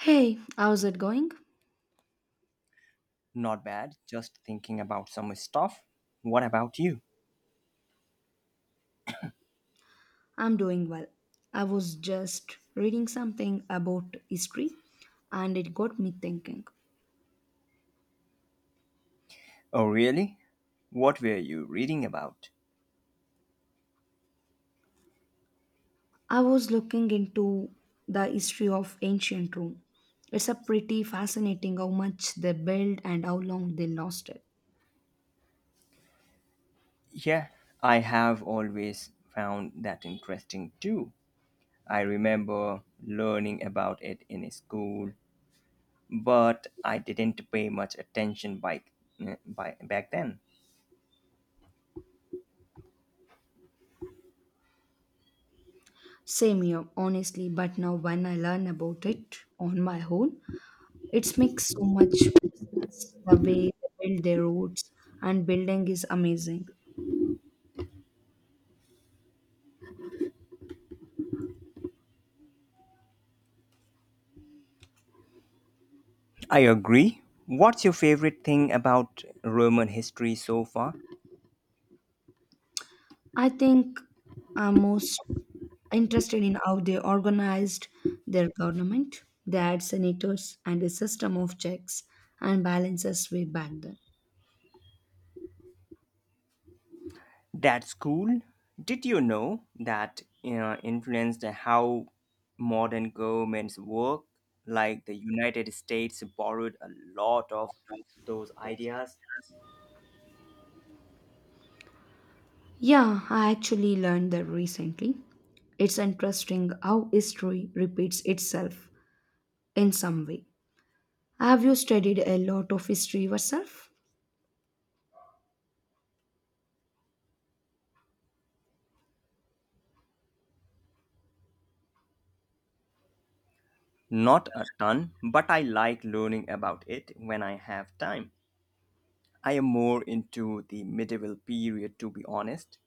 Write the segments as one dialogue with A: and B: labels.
A: Hey, how's it going?
B: Not bad, just thinking about some stuff. What about you?
A: I'm doing well. I was just reading something about history and it got me thinking.
B: Oh, really? What were you reading about?
A: I was looking into the history of ancient Rome. It's a pretty fascinating how much they built and how long they lasted.
B: Yeah, I have always found that interesting too. I remember learning about it in school, but I didn't pay much attention by, eh, by back then.
A: Same here, honestly, but now when I learn about it on my own, it makes so much sense. The way they build their roads and building is amazing.
B: I agree. What's your favorite thing about Roman history so far?
A: I think I'm most interested in how they organized their government. They had senators and a system of checks and balances way back then.
B: That's cool. Did you know that influenced how modern governments work? Like the United States borrowed a lot of those ideas.
A: Yeah, I actually learned that recently. It's interesting how history repeats itself in some way. Have you studied a lot of history yourself?
B: Not a ton, but I like learning about it when I have time. I am more into the medieval period, to be honest.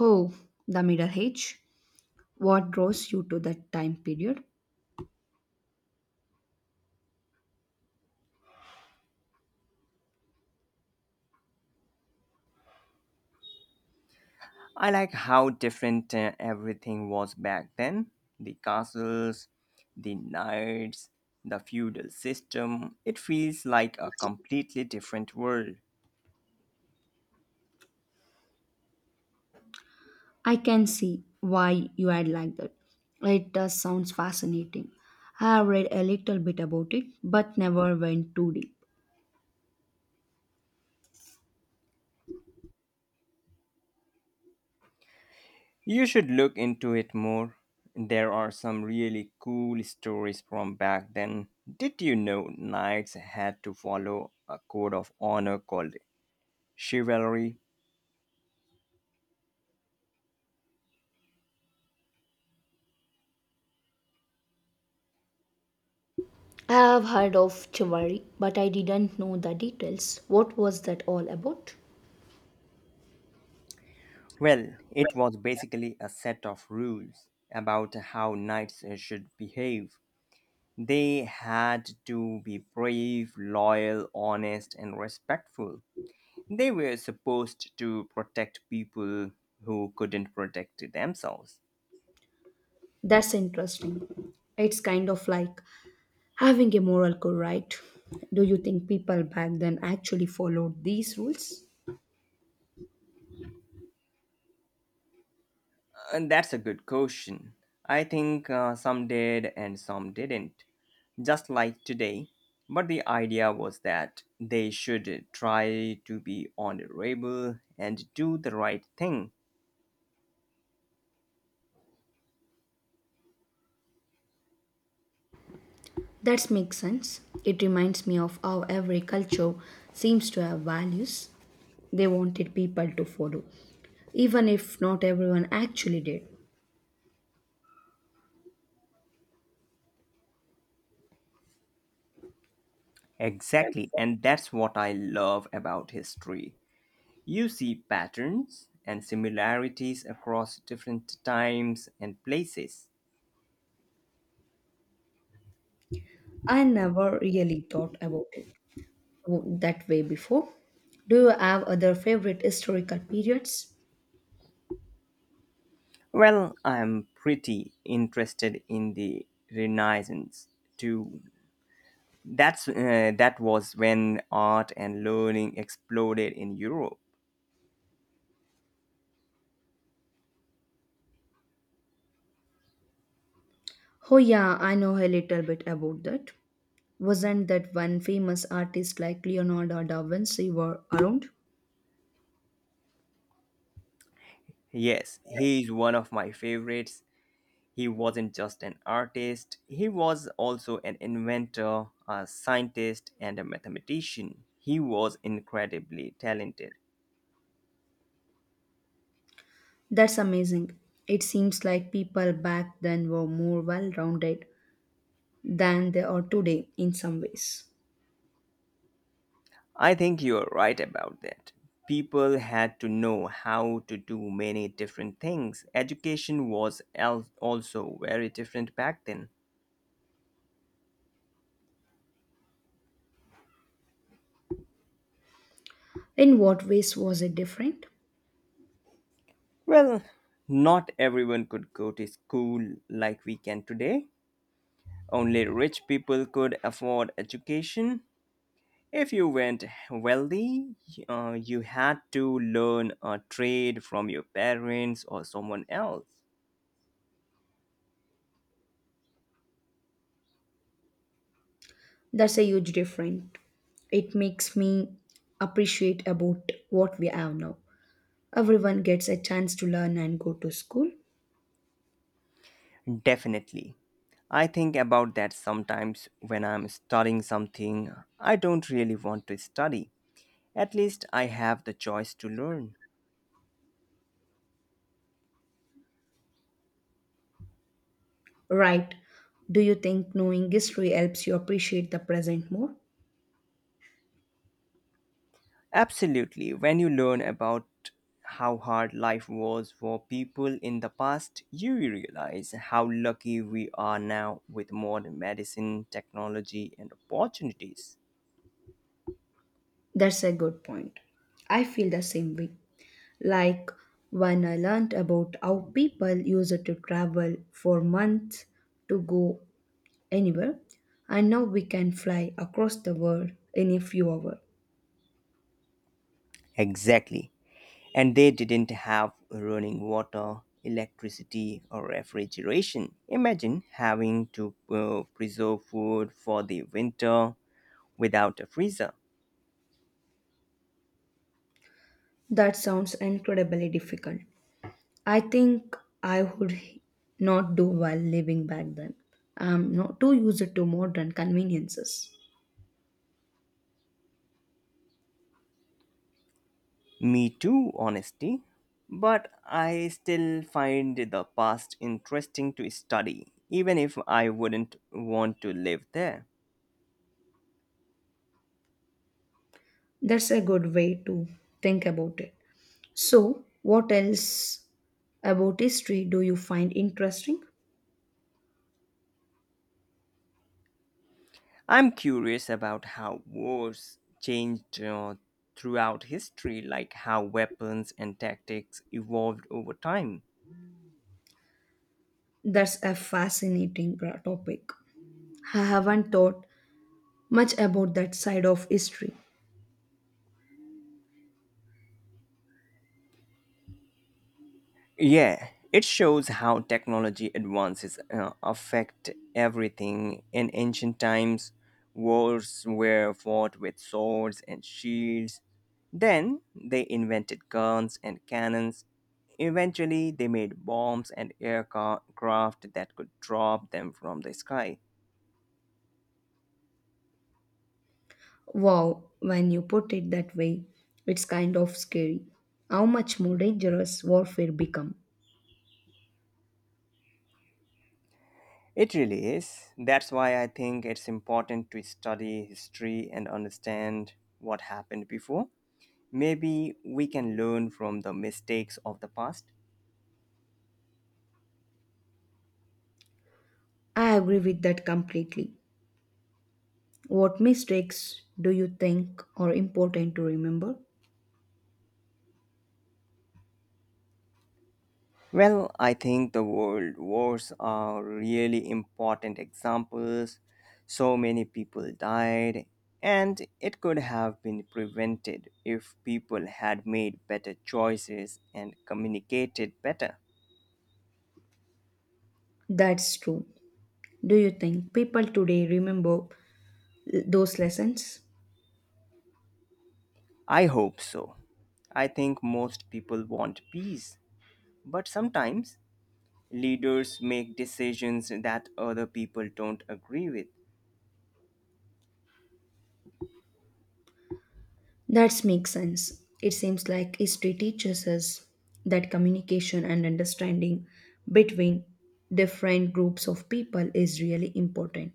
A: Oh, the Middle Age. What draws you to that time period?
B: I like how different everything was back then, the castles, the knights, the feudal system. It feels like a completely different world.
A: I can see why you had liked that. It does sounds fascinating. I have read a little bit about it, but never went too deep.
B: You should look into it more. There are some really cool stories from back then. Did you know knights had to follow a code of honor called chivalry?
A: I have heard of chivalry, but I didn't know the details. What was that all about?
B: Well, it was basically a set of rules about how knights should behave. They had to be brave, loyal, honest, and respectful. They were supposed to protect people who couldn't protect themselves.
A: That's interesting. It's kind of like having a moral code, right? Do you think people back then actually followed these rules?
B: And that's a good question. I think some did and some didn't, just like today. But the idea was that they should try to be honorable and do the right thing.
A: That makes sense. It reminds me of how every culture seems to have values they wanted people to follow, even if not everyone actually did.
B: Exactly, and that's what I love about history. You see patterns and similarities across different times and places.
A: I never really thought about it that way before. Do you have other favorite historical periods?
B: Well, I'm pretty interested in the Renaissance too. That was when art and learning exploded in Europe.
A: Oh, yeah, I know a little bit about that. Wasn't that one famous artist like Leonardo da Vinci were around?
B: Yes, he's one of my favorites. He wasn't just an artist, he was also an inventor, a scientist, and a mathematician. He was incredibly talented.
A: That's amazing. It seems like people back then were more well rounded than they are today in some ways.
B: I think you're right about that. People had to know how to do many different things. Education was also very different back then.
A: In what ways was it different?
B: Well, not everyone could go to school like we can today. Only rich people could afford education. If you weren't wealthy, you had to learn a trade from your parents or someone else.
A: That's a huge difference. It makes me appreciate about what we have now. Everyone gets a chance to learn and go to school.
B: Definitely. I think about that sometimes when I'm studying something I don't really want to study. At least I have the choice to learn.
A: Right. Do you think knowing history helps you appreciate the present more?
B: Absolutely. When you learn about how hard life was for people in the past, you realize how lucky we are now with modern medicine, technology, and opportunities.
A: That's a good point. I feel the same way. Like when I learned about how people used to travel for months to go anywhere, and now we can fly across the world in a few hours.
B: Exactly, and they didn't have running water, electricity, or refrigeration. Imagine having to preserve food for the winter without a freezer.
A: That sounds incredibly difficult. I think I would not do while living back then. I'm not too used to modern conveniences.
B: Me too, honestly. But I still find the past interesting to study, even if I wouldn't want to live there.
A: That's a good way to think about it. So, what else about history do you find interesting?
B: I'm curious about how wars changed throughout history, like how weapons and tactics evolved over time.
A: That's a fascinating topic. I haven't thought much about that side of history.
B: Yeah, it shows how technology advances affect everything. In ancient times, wars were fought with swords and shields. Then they invented guns and cannons. Eventually, they made bombs and aircraft that could drop them from the sky.
A: Wow, when you put it that way, it's kind of scary. How much more dangerous warfare become?
B: It really is. That's why I think it's important to study history and understand what happened before. Maybe we can learn from the mistakes of the past.
A: I agree with that completely. What mistakes do you think are important to remember?
B: Well, I think the world wars are really important examples. So many people died, and it could have been prevented if people had made better choices and communicated better.
A: That's true. Do you think people today remember those lessons?
B: I hope so. I think most people want peace, but sometimes leaders make decisions that other people don't agree with.
A: That makes sense. It seems like history teaches us that communication and understanding between different groups of people is really important.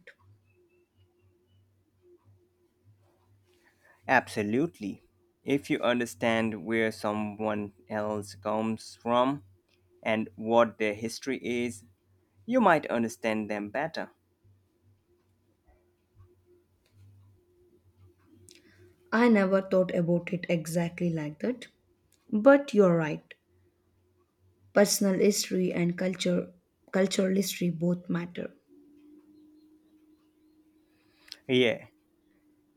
B: Absolutely. If you understand where someone else comes from and what their history is, you might understand them better.
A: I never thought about it exactly like that. But you're right. Personal history and culture cultural history both matter.
B: Yeah,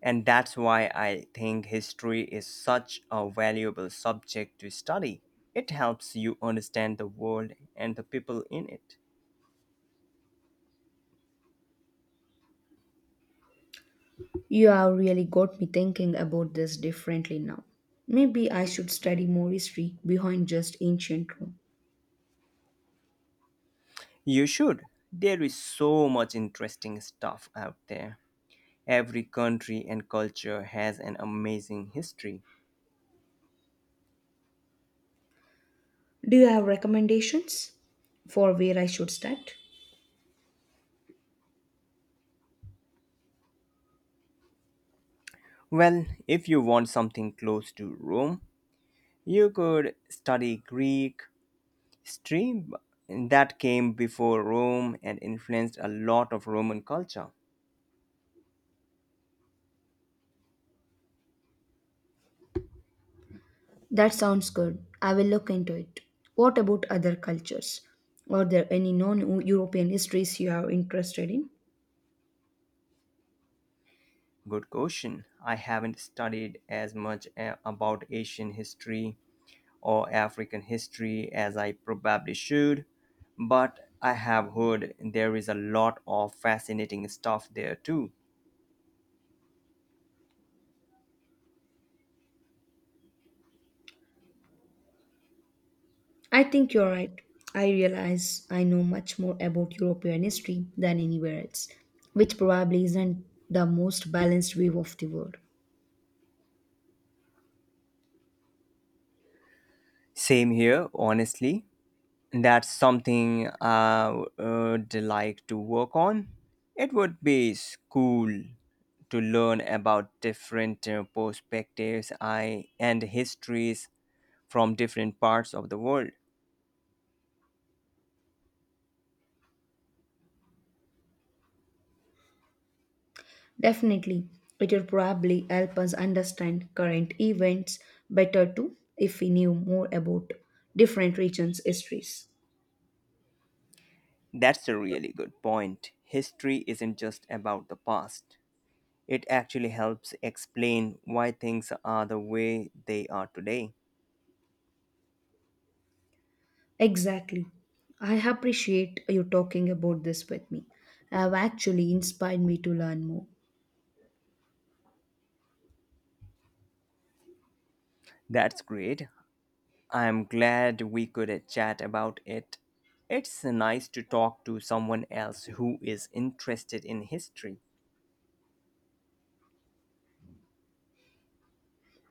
B: and that's why I think history is such a valuable subject to study. It helps you understand the world and the people in it.
A: You have really got me thinking about this differently now. Maybe I should study more history behind just ancient Rome.
B: You should. There is so much interesting stuff out there. Every country and culture has an amazing history.
A: Do you have recommendations for where I should start?
B: Well, if you want something close to Rome, you could study Greek history that came before Rome and influenced a lot of Roman culture.
A: That sounds good. I will look into it. What about other cultures? Are there any non European histories you are interested in?
B: Good question. I haven't studied as much about Asian history or African history as I probably should, but I have heard there is a lot of fascinating stuff there too.
A: I think you're right. I realize I know much more about European history than anywhere else, which probably isn't the most balanced view of the world.
B: Same here, honestly. That's something I would like to work on. It would be cool to learn about different perspectives and histories from different parts of the world.
A: Definitely, it will probably help us understand current events better too if we knew more about different regions' histories.
B: That's a really good point. History isn't just about the past, it actually helps explain why things are the way they are today.
A: Exactly. I appreciate you talking about this with me. Have actually inspired me to learn more.
B: That's great. I'm glad we could chat about it. It's nice to talk to someone else who is interested in history.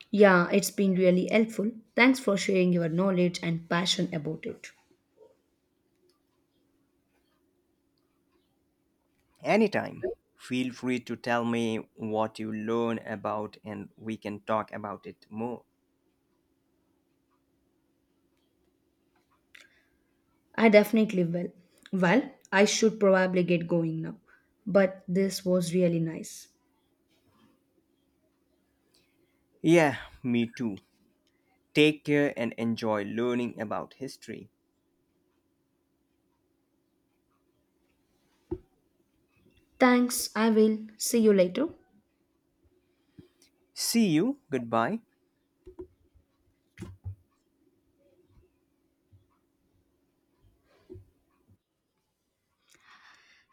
A: Yeah, it's been really helpful. Thanks for sharing your knowledge and passion about it.
B: Anytime. Feel free to tell me what you learn about and we can talk about it more.
A: I definitely will. Well, I should probably get going now. But this was really nice.
B: Yeah, me too. Take care and enjoy learning about history.
A: Thanks, I will. See you later.
B: See you. Goodbye.